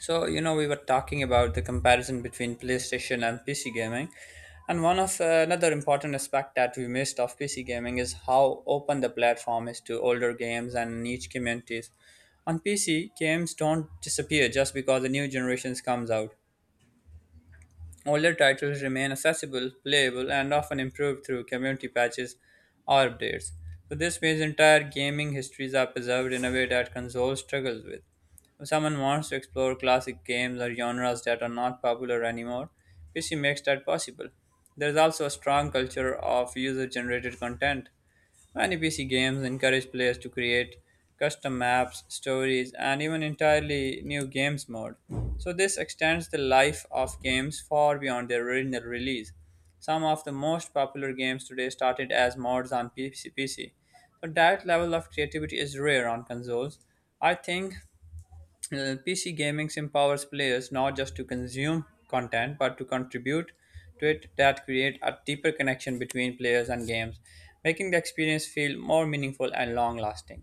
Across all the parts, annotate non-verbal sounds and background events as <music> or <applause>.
We were talking about the comparison between PlayStation and PC gaming. And one of another important aspect that we missed of PC gaming is how open the platform is to older games and niche communities. On PC, games don't disappear just because a new generation comes out. Older titles remain accessible, playable, and often improved through community patches or updates. So this means entire gaming histories are preserved in a way that console struggles with. If someone wants to explore classic games or genres that are not popular anymore, PC makes that possible. There is also a strong culture of user generated content. Many PC games encourage players to create custom maps, stories, and even entirely new games mode. So this extends the life of games far beyond their original release. Some of the most popular games today started as mods on PC. So that level of creativity is rare on consoles. I think PC gaming empowers players not just to consume content but to contribute to it that create a deeper connection between players and games, making the experience feel more meaningful and long lasting.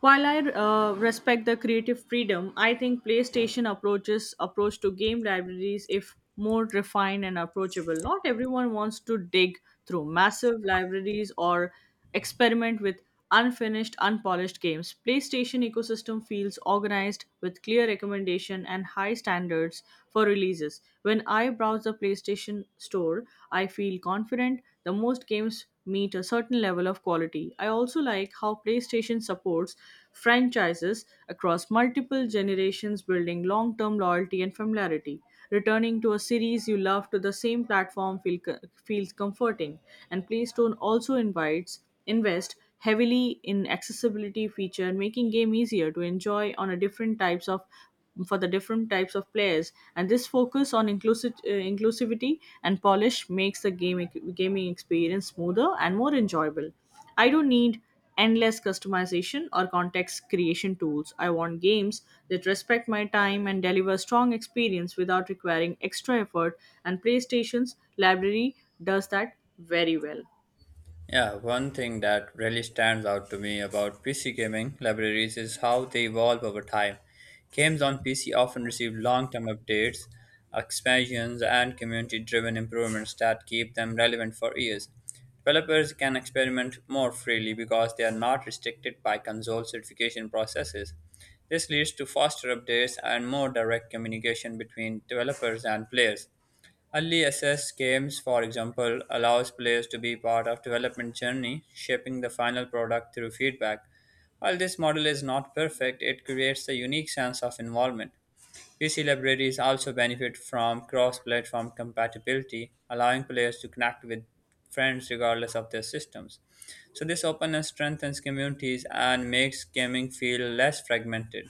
While I respect the creative freedom, I think PlayStation approaches approach to game libraries if more refined and approachable. Not everyone wants to dig through massive libraries or experiment with unfinished, unpolished games. PlayStation ecosystem feels organized with clear recommendation and high standards for releases. When I browse the PlayStation store, I feel confident. The most games meet a certain level of quality. I also like how PlayStation supports franchises across multiple generations, building long term loyalty and familiarity. Returning to a series you love to the same feels comforting, and PlayStone also invites invest heavily in accessibility feature making game easier to enjoy on a different types of for the different types of players, and this focus on inclusivity and polish makes the game gaming experience smoother and more enjoyable. I don't need endless customization or context creation tools. I want games that respect my time and deliver strong experience without requiring extra effort, and PlayStation's library does that very well. Yeah, one thing that really stands out to me about PC gaming libraries is how they evolve over time. Games on PC often receive long term updates, expansions, and community driven improvements that keep them relevant for years. Developers can experiment more freely because they are not restricted by console certification processes. This leads to faster updates and more direct communication between developers and players. Early access games, for example, allows players to be part of development journey, shaping the final product through feedback. While this model is not perfect, it creates a unique sense of involvement. PC libraries also benefit from cross-platform compatibility, allowing players to connect with friends regardless of their systems. So this openness strengthens communities and makes gaming feel less fragmented.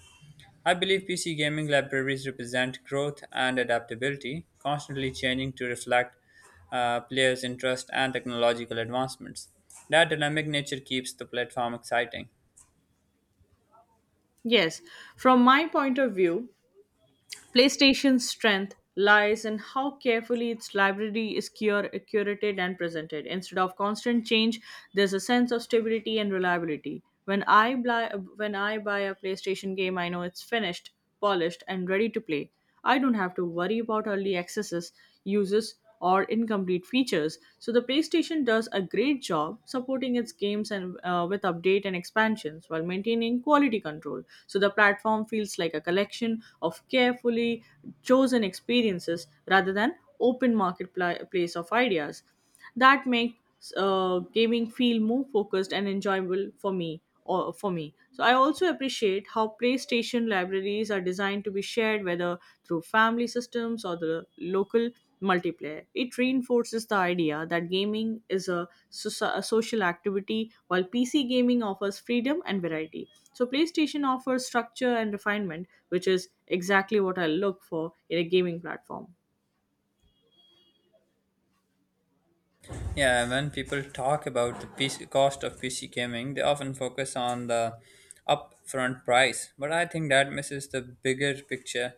I believe PC gaming libraries represent growth and adaptability, constantly changing to reflect players' interest and technological advancements. That dynamic nature keeps the platform exciting. Yes, from my point of view, PlayStation's strength lies in how carefully its library is curated and presented. Instead of constant change, there's a sense of stability and reliability. When I buy a PlayStation game, I know it's finished, polished, and ready to play. I don't have to worry about early accesses, uses or incomplete features. So the PlayStation does a great job supporting its games and, with update and expansions while maintaining quality control. So the platform feels like a collection of carefully chosen experiences rather than open marketplace of ideas that make gaming feel more focused and enjoyable for me or for me. So I also appreciate how PlayStation libraries are designed to be shared, whether through family systems or the local multiplayer. It reinforces the idea that gaming is a a social activity. While PC gaming offers freedom and variety, so PlayStation offers structure and refinement, which is exactly what I look for in a gaming platform. Yeah, when people talk about the PC cost of PC gaming, they often focus on the upfront price, but I think that misses the bigger picture.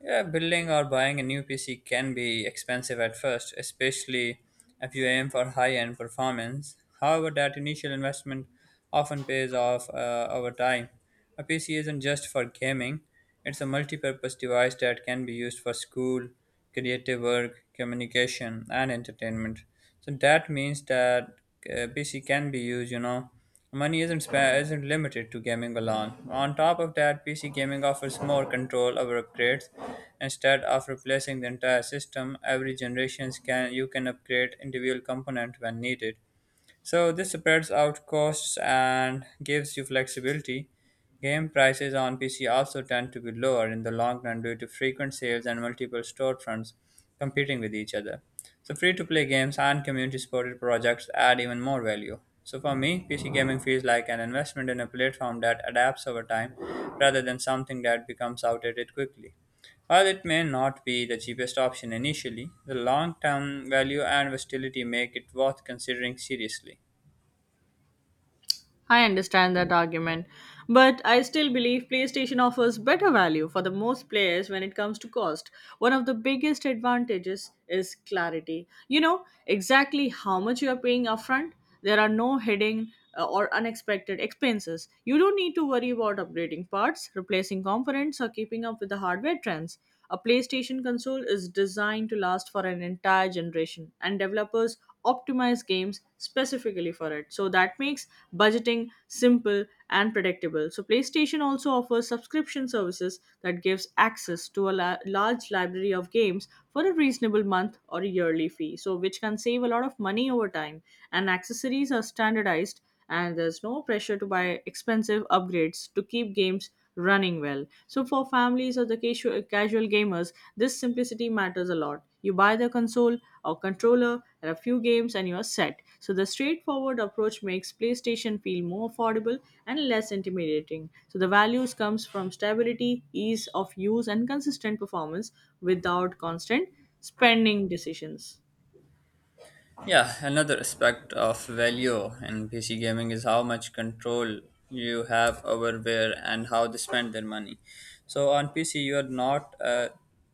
Yeah, building or buying a new PC can be expensive at first, especially if you aim for high end performance. However, that initial investment often pays off over time. A PC isn't just for gaming, it's a multi purpose device that can be used for school, creative work, communication, and entertainment. So that means that PC can be used, Money isn't limited to gaming alone. On top of that, PC gaming offers more control over upgrades. Instead of replacing the entire system, every generation can you can upgrade individual component when needed. So this spreads out costs and gives you flexibility. Game prices on PC also tend to be lower in the long run due to frequent sales and multiple storefronts competing with each other. So free to play games and community supported projects add even more value. So for me, PC gaming feels like an investment in a platform that adapts over time rather than something that becomes outdated quickly. While it may not be the cheapest option initially, the long term value and versatility make it worth considering seriously. I understand that argument, but I still believe PlayStation offers better value for the most players when it comes to cost. One of the biggest advantages is clarity. You know exactly how much you are paying upfront. There are no hidden or unexpected expenses. You don't need to worry about upgrading parts, replacing components, or keeping up with the hardware trends. A PlayStation console is designed to last for an entire generation, and developers optimize games specifically for it. So that makes budgeting simple and predictable. So PlayStation also offers subscription services that gives access to a large library of games for a reasonable month or a yearly fee, so which can save a lot of money over time. And accessories are standardized, and there's no pressure to buy expensive upgrades to keep games running well. So for families or the casual gamers, this simplicity matters a lot. You buy the console or controller and a few games and you're set. So the straightforward approach makes PlayStation feel more affordable and less intimidating. So the values comes from stability, ease of use and consistent performance without constant spending decisions. Yeah, another aspect of value in PC gaming is how much control you have over where and how they spend their money. So on PC, you are not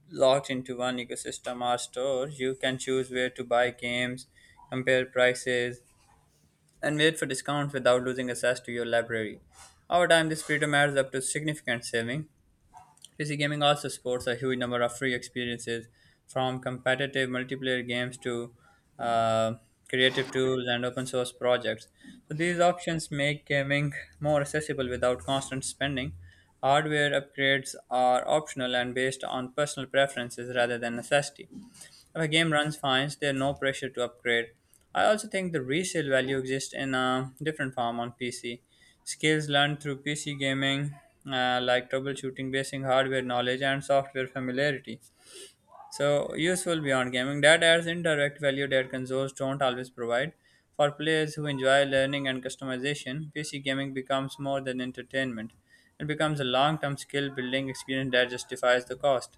locked into one ecosystem or store. You can choose where to buy games, compare prices, and wait for discounts without losing access to your library. Over time, this freedom adds up to significant saving. PC gaming also supports a huge number of free experiences, from competitive multiplayer games to uh, creative tools and open source projects. So these options make gaming more accessible without constant spending. Hardware upgrades are optional and based on personal preferences rather than necessity. If a game runs fine, there's no pressure to upgrade. I also think the resale value exists in a different form on PC. Skills learned through PC gaming, like troubleshooting, basic hardware knowledge, and software familiarity. So, useful beyond gaming. That adds indirect value that consoles don't always provide. For players who enjoy learning and customization, PC gaming becomes more than entertainment. It becomes a long term skill building experience that justifies the cost.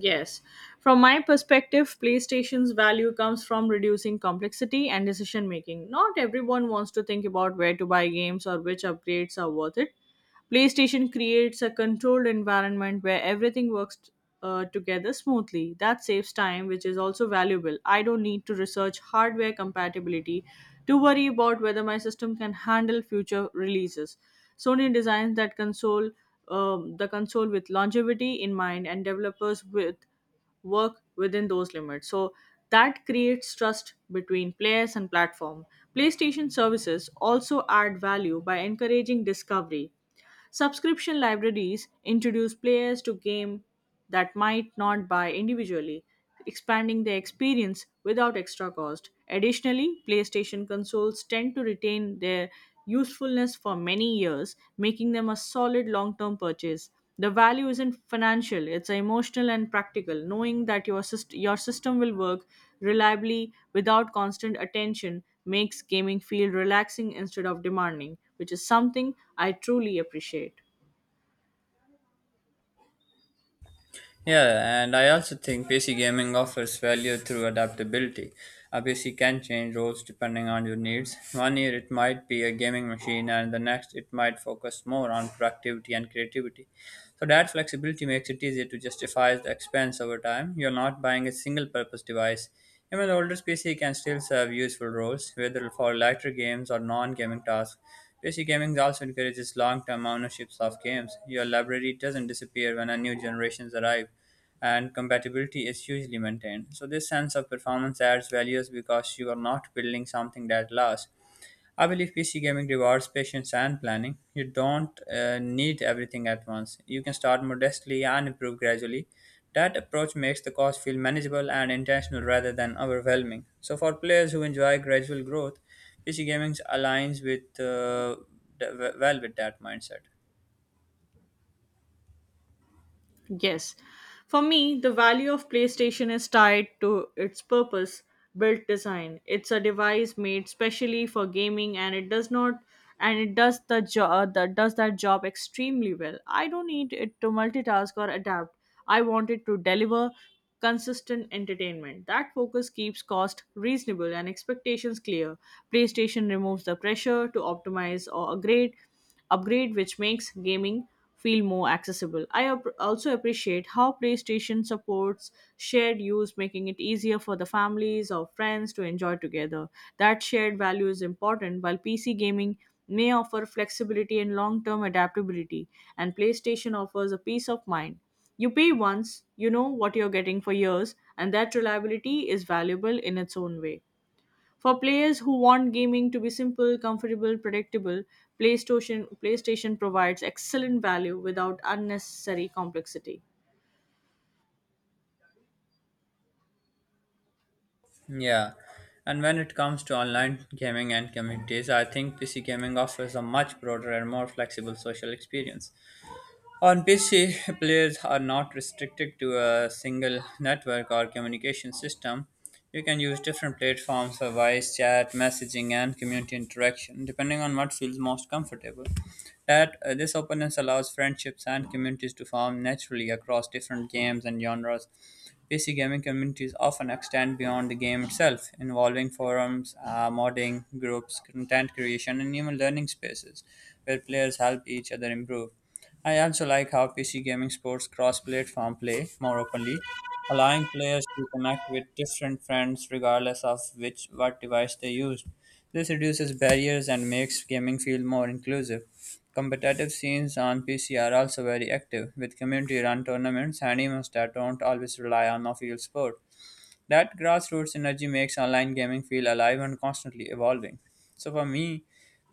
Yes. From my perspective, PlayStation's value comes from reducing complexity and decision making. Not everyone wants to think about where to buy games or which upgrades are worth it. PlayStation creates a controlled environment where everything works together smoothly. That saves time, which is also valuable. I don't need to research hardware compatibility to worry about whether my system can handle future releases. Sony designs that console, The console with longevity in mind, and developers with work within those limits. So that creates trust between players and platform. PlayStation services also add value by encouraging discovery. Subscription libraries introduce players to games that might not buy individually, expanding their experience without extra cost. Additionally, PlayStation consoles tend to retain their usefulness for many years, making them a solid long term purchase. The value isn't financial, it's emotional and practical. Knowing that your system will work reliably without constant attention makes gaming feel relaxing instead of demanding, which is something I truly appreciate. Yeah, and I also think PC gaming offers value through adaptability. A PC can change roles depending on your needs. One year it might be a gaming machine, and the next it might focus more on productivity and creativity. So that flexibility makes it easier to justify the expense over time. You're not buying a single purpose device. Even the oldest PC can still serve useful roles, whether for lighter games or non gaming tasks. PC gaming also encourages long-term ownerships of games. Your library doesn't disappear when a new generations arrive, and compatibility is hugely maintained. So this sense of performance adds values because you are not building something that lasts. I believe PC gaming rewards patience and planning. You don't need everything at once. You can start modestly and improve gradually. That approach makes the cost feel manageable and intentional rather than overwhelming. So, for players who enjoy gradual growth, PC gaming aligns well with that mindset. Yes. For me, the value of PlayStation is tied to its purpose built design. It's a device made specially for gaming and it does not and it does the job that does that job extremely well. I don't need it to multitask or adapt. I want it to deliver consistent entertainment. That focus keeps cost reasonable and expectations clear. PlayStation removes the pressure to optimize or upgrade, which makes gaming feel more accessible. I also appreciate how PlayStation supports shared use, making it easier for the families or friends to enjoy together. That shared value is important, while PC gaming may offer flexibility and long term adaptability, and PlayStation offers a peace of mind. You pay once, you know what you're getting for years, and that reliability is valuable in its own way. For players who want gaming to be simple, comfortable, predictable, PlayStation provides excellent value without unnecessary complexity. Yeah. And when it comes to online gaming and communities, I think PC gaming offers a much broader and more flexible social experience. On PC, <laughs> players are not restricted to a single network or communication system. You can use different platforms for voice, chat, messaging, and community interaction, depending on what feels most comfortable. That this openness allows friendships and communities to form naturally across different games and genres. PC gaming communities often extend beyond the game itself, involving forums, modding, groups, content creation, and even learning spaces where players help each other improve. I also like how PC gaming sports cross platform play more openly, allowing players to connect with different friends regardless of which what device they used. This reduces barriers and makes gaming feel more inclusive. Competitive scenes on PC are also very active, with community run tournaments and events that don't always rely on official sport. That grassroots energy makes online gaming feel alive and constantly evolving. So for me,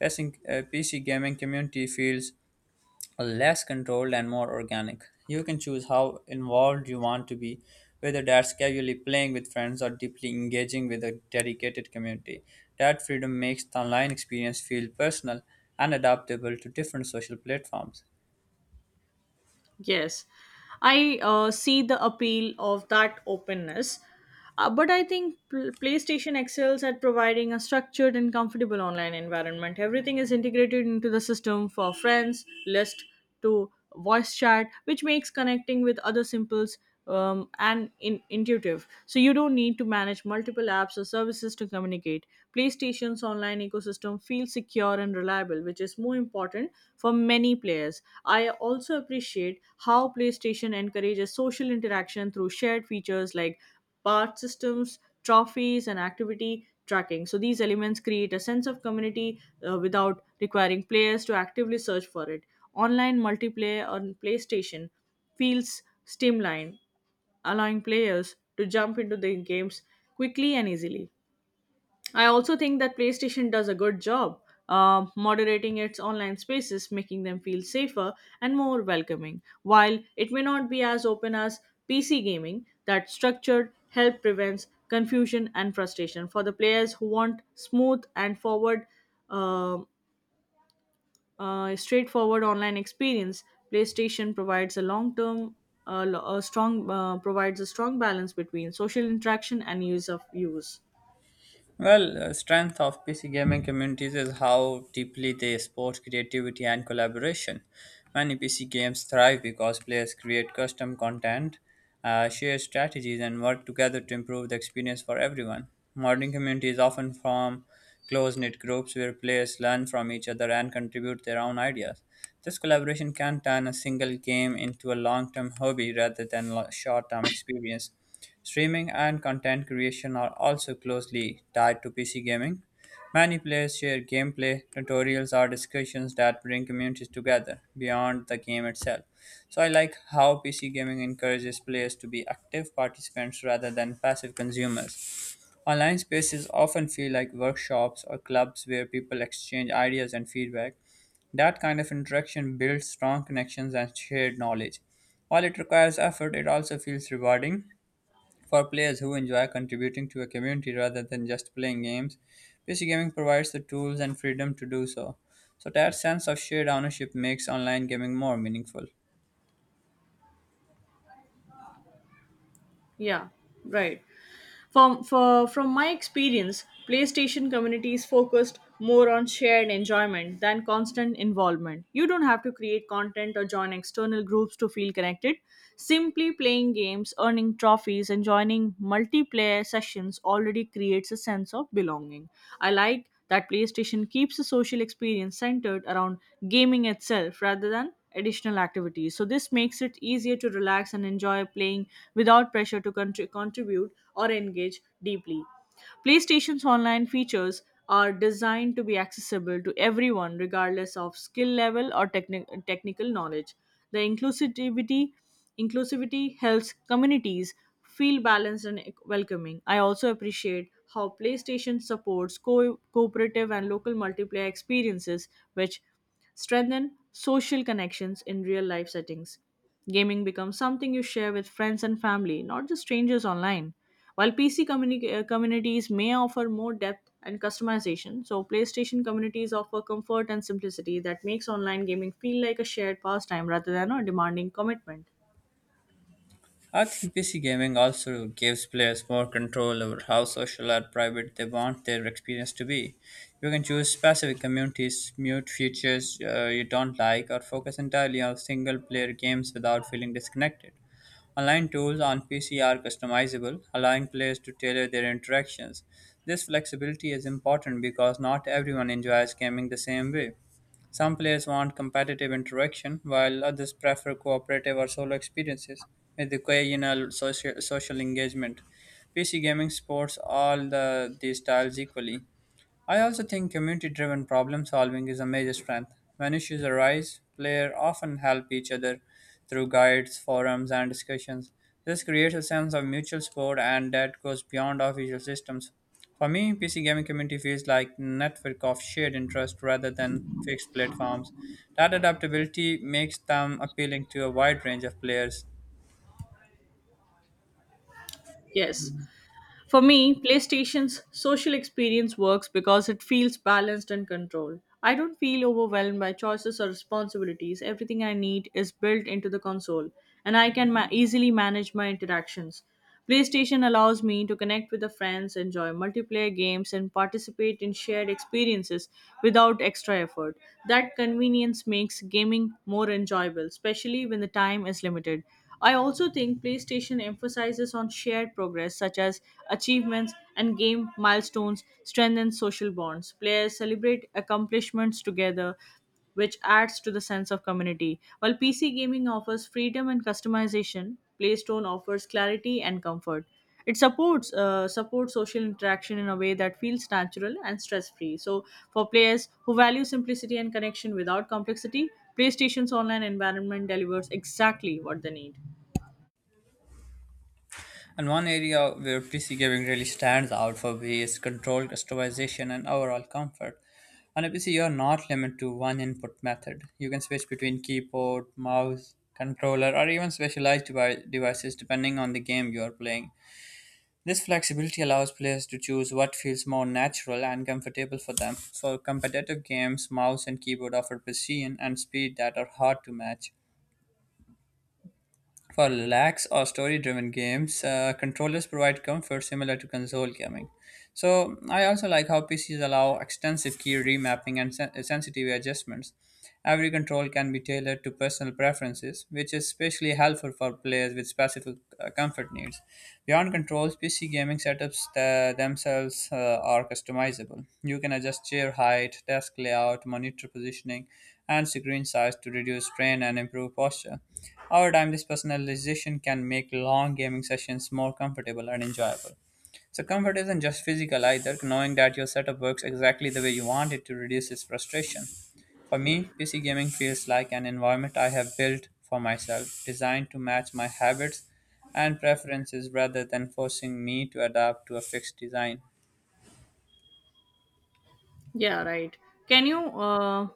PC gaming community feels less controlled and more organic. You can choose how involved you want to be, whether that's casually playing with friends or deeply engaging with a dedicated community. That freedom makes the online experience feel personal and adaptable to different social platforms. Yes, I see the appeal of that openness, but I think PlayStation excels at providing a structured and comfortable online environment. Everything is integrated into the system, for friends, list to voice chat, which makes connecting with other simples and intuitive. So you don't need to manage multiple apps or services to communicate. PlayStation's online ecosystem feels secure and reliable, which is more important for many players. I also appreciate how PlayStation encourages social interaction through shared features like part systems, trophies, and activity tracking. So these elements create a sense of community without requiring players to actively search for it. Online multiplayer on PlayStation feels streamlined, allowing players to jump into the games quickly and easily. I also think that PlayStation does a good job moderating its online spaces, making them feel safer and more welcoming. While it may not be as open as PC gaming, that structured help prevents confusion and frustration for the players who want smooth and forward um a straightforward online experience. PlayStation provides a long-term, lo- a strong provides a strong balance between social interaction and use of use. Strength of PC gaming communities is how deeply they support creativity and collaboration. Many PC games thrive because players create custom content, share strategies, and work together to improve the experience for everyone. Modern communities often form close knit groups where players learn from each other and contribute their own ideas. This collaboration can turn a single game into a long term hobby rather than a short term experience. Streaming and content creation are also closely tied to PC gaming. Many players share gameplay, tutorials, or discussions that bring communities together beyond the game itself. So, I like how PC gaming encourages players to be active participants rather than passive consumers. Online spaces often feel like workshops or clubs where people exchange ideas and feedback. That kind of interaction builds strong connections and shared knowledge. While it requires effort, it also feels rewarding for players who enjoy contributing to a community rather than just playing games, PC gaming provides the tools and freedom to do so. So, that sense of shared ownership makes online gaming more meaningful. Yeah, right. From my experience, PlayStation communities focused more on shared enjoyment than constant involvement. You don't have to create content or join external groups to feel connected. Simply playing games, earning trophies, and joining multiplayer sessions already creates a sense of belonging. I like that PlayStation keeps the social experience centered around gaming itself rather than additional activities. So this makes it easier to relax and enjoy playing without pressure to contribute or engage deeply. PlayStation's online features are designed to be accessible to everyone regardless of skill level or technical knowledge. The inclusivity helps communities feel balanced and welcoming. I also appreciate how PlayStation supports cooperative and local multiplayer experiences which strengthen social connections in real life settings. Gaming becomes something you share with friends and family, not just strangers online. While communities may offer more depth and customization, so PlayStation communities offer comfort and simplicity that makes online gaming feel like a shared pastime rather than a demanding commitment. I think PC gaming also gives players more control over how social or private they want their experience to be. You can choose specific communities, mute features you don't like, or focus entirely on single player games without feeling disconnected. Online tools on PC are customizable, allowing players to tailor their interactions. This flexibility is important because not everyone enjoys gaming the same way. Some players want competitive interaction, while others prefer cooperative or solo experiences with occasional social engagement. PC gaming supports all the these styles equally. I also think community driven problem solving is a major strength. When issues arise, players often help each other through guides, forums, and discussions. This creates a sense of mutual support and that goes beyond official systems. For me, PC gaming community feels like a network of shared interest rather than fixed platforms. That adaptability makes them appealing to a wide range of players. Yes. For me, PlayStation's social experience works because it feels balanced and controlled. I don't feel overwhelmed by choices or responsibilities. Everything I need is built into the console, and I can easily manage my interactions. PlayStation allows me to connect with the friends, enjoy multiplayer games, and participate in shared experiences without extra effort. That convenience makes gaming more enjoyable, especially when the time is limited. I also think PlayStation emphasizes on shared progress such as achievements and game milestones strengthen social bonds. Players celebrate accomplishments together, which adds to the sense of community. While PC gaming offers freedom and customization, PlayStation offers clarity and comfort. It supports supports social interaction in a way that feels natural and stress free. So, for players who value simplicity and connection without complexity, PlayStation's online environment delivers exactly what they need. And one area where PC gaming really stands out for me is control, customization, and overall comfort. On a PC, you're not limited to one input method. You can switch between keyboard, mouse, controller, or even specialized devices depending on the game you are playing. This flexibility allows players to choose what feels more natural and comfortable for them. For competitive games, mouse and keyboard offer precision and speed that are hard to match. For lax or story driven games, controllers provide comfort similar to console gaming. So, I also like how PCs allow extensive key remapping and sensitive adjustments. Every control can be tailored to personal preferences, which is especially helpful for players with specific comfort corporate needs. Beyond controls, PC gaming setups themselves are customizable. You can adjust chair height, desk layout, monitor positioning, and screen size to reduce strain and improve posture. Over time, this personalization can make long gaming sessions more comfortable and enjoyable. So comfort isn't just physical either. Knowing that your setup works exactly the way you want it to reduces frustration. For me, PC gaming feels like an environment I have built for myself, designed to match my habits and preferences rather than forcing me to adapt to a fixed design. Yeah, right. Can you, uh,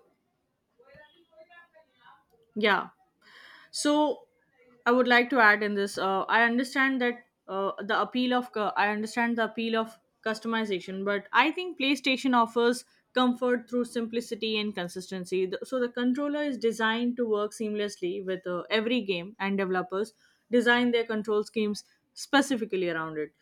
yeah. So I would like to add in this, I understand that the appeal of, cu- I understand the appeal of customization, but I think PlayStation offers comfort through simplicity and consistency. So the controller is designed to work seamlessly with every game, and developers design their control schemes specifically around it.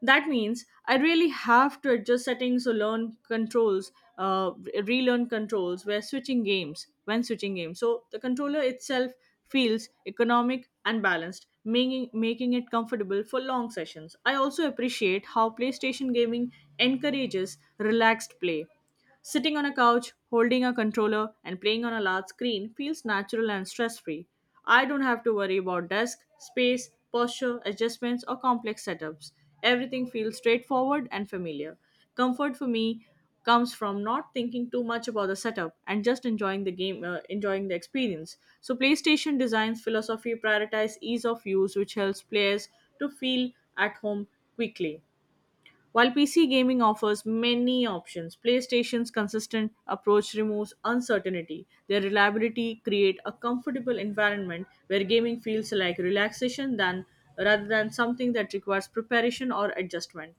That means I really have to adjust settings or learn controls, relearn controls when switching games. So the controller itself feels economic and balanced, making it comfortable for long sessions. I also appreciate how PlayStation gaming encourages relaxed play. Sitting on a couch, holding a controller, and playing on a large screen feels natural and stress free. I don't have to worry about desk, space, posture, adjustments, or complex setups. Everything feels straightforward and familiar. Comfort for me comes from not thinking too much about the setup and just enjoying the experience. So PlayStation designs philosophy prioritizes ease of use, which helps players to feel at home quickly. While PC gaming offers many options, PlayStation's consistent approach removes uncertainty. Their reliability create a comfortable environment where gaming feels like relaxation than rather than something that requires preparation or adjustment.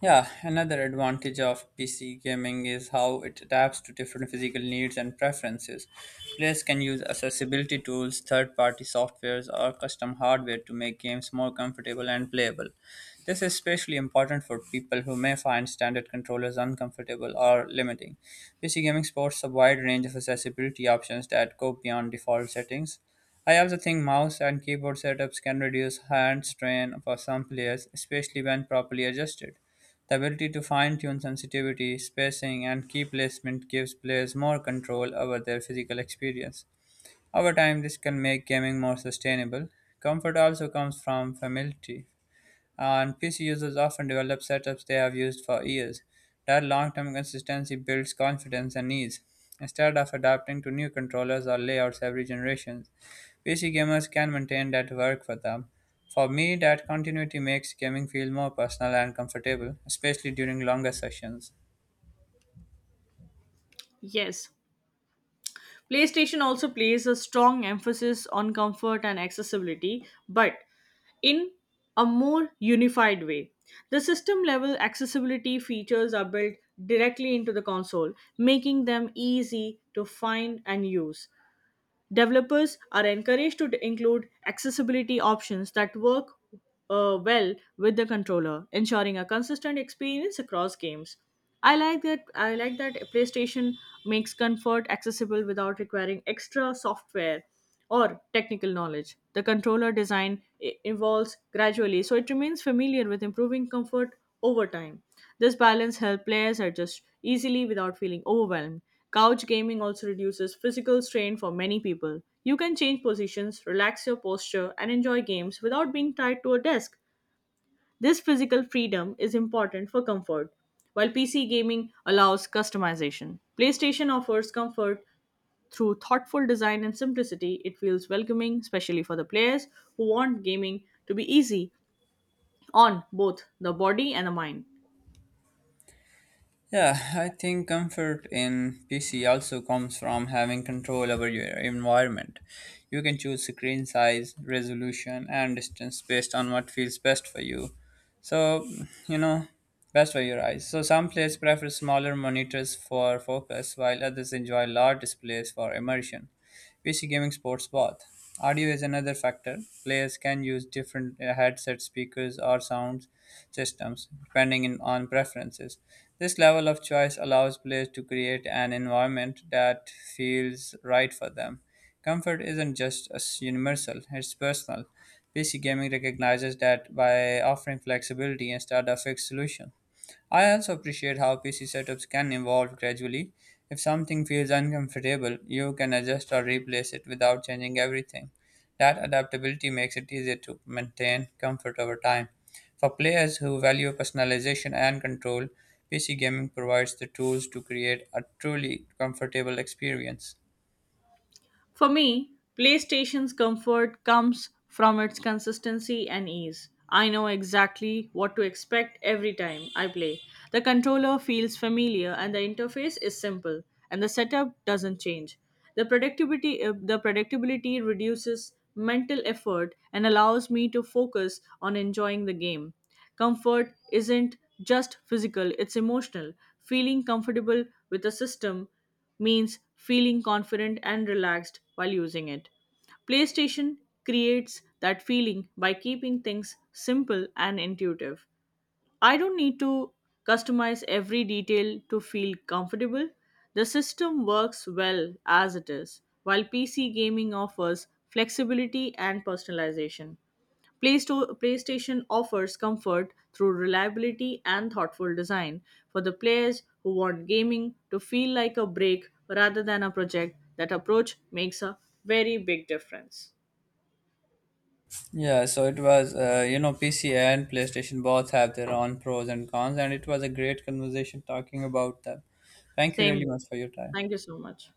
Yeah, another advantage of PC gaming is how it adapts to different physical needs and preferences. Players can use accessibility tools, third party softwares, or custom hardware to make games more comfortable and playable. This is especially important for people who may find standard controllers uncomfortable or limiting. PC gaming supports a wide range of accessibility options that go beyond default settings. I also think mouse and keyboard setups can reduce hand strain for some players, especially when properly adjusted. The ability to fine-tune sensitivity, spacing, and key placement gives players more control over their physical experience. Over time, this can make gaming more sustainable. Comfort also comes from familiarity, and PC users often develop setups they have used for years. That long-term consistency builds confidence and ease, instead of adapting to new controllers or layouts every generation. PC gamers can maintain that work for them. For me, that continuity makes gaming feel more personal and comfortable, especially during longer sessions. Yes, PlayStation also plays a strong emphasis on comfort and accessibility, but in a more unified way. The system level accessibility features are built directly into the console, making them easy to find and use. Developers are encouraged to include accessibility options that work well with the controller, ensuring a consistent experience across games. I like that PlayStation makes comfort accessible without requiring extra software or technical knowledge. The controller design evolves gradually, so it remains familiar with improving comfort over time. This balance helps players adjust easily without feeling overwhelmed. Couch gaming also reduces physical strain for many people. You can change positions, relax your posture, and enjoy games without being tied to a desk. This physical freedom is important for comfort, while PC gaming allows customization. PlayStation offers comfort through thoughtful design and simplicity. It feels welcoming, especially for the players who want gaming to be easy on both the body and the mind. Yeah, I think comfort in PC also comes from having control over your environment. You can choose screen size, resolution, and distance based on what feels best for you. So, you know, Best for your eyes. So, some players prefer smaller monitors for focus, while others enjoy large displays for immersion. PC gaming sports both. Audio is another factor. Players can use different headset speakers or sound systems on preferences. This level of choice allows players to create an environment that feels right for them. Comfort isn't just as universal, it's personal. PC gaming recognizes that by offering flexibility instead of fixed solution. I also appreciate how PC setups can evolve gradually. If something feels uncomfortable, you can adjust or replace it without changing everything. That adaptability makes it easier to maintain comfort over time. For players who value personalization and control, PC gaming provides the tools to create a truly comfortable experience. For me, PlayStation's comfort comes from its consistency and ease. I know exactly what to expect every time I play. The controller feels familiar and the interface is simple and the setup doesn't change. The predictability reduces mental effort and allows me to focus on enjoying the game. Comfort isn't just physical, it's emotional. Feeling comfortable with a system means feeling confident and relaxed while using it. PlayStation creates that feeling by keeping things simple and intuitive. I don't need to customize every detail to feel comfortable. The system works well as it is, while PC gaming offers flexibility and personalization. PlayStation offers comfort through reliability and thoughtful design for the players who want gaming to feel like a break rather than a project. That approach makes a very big difference. Yeah, so it was, PC and PlayStation both have their own pros and cons, and it was a great conversation talking about them. Thank you Same really here. much for your time. Thank you so much.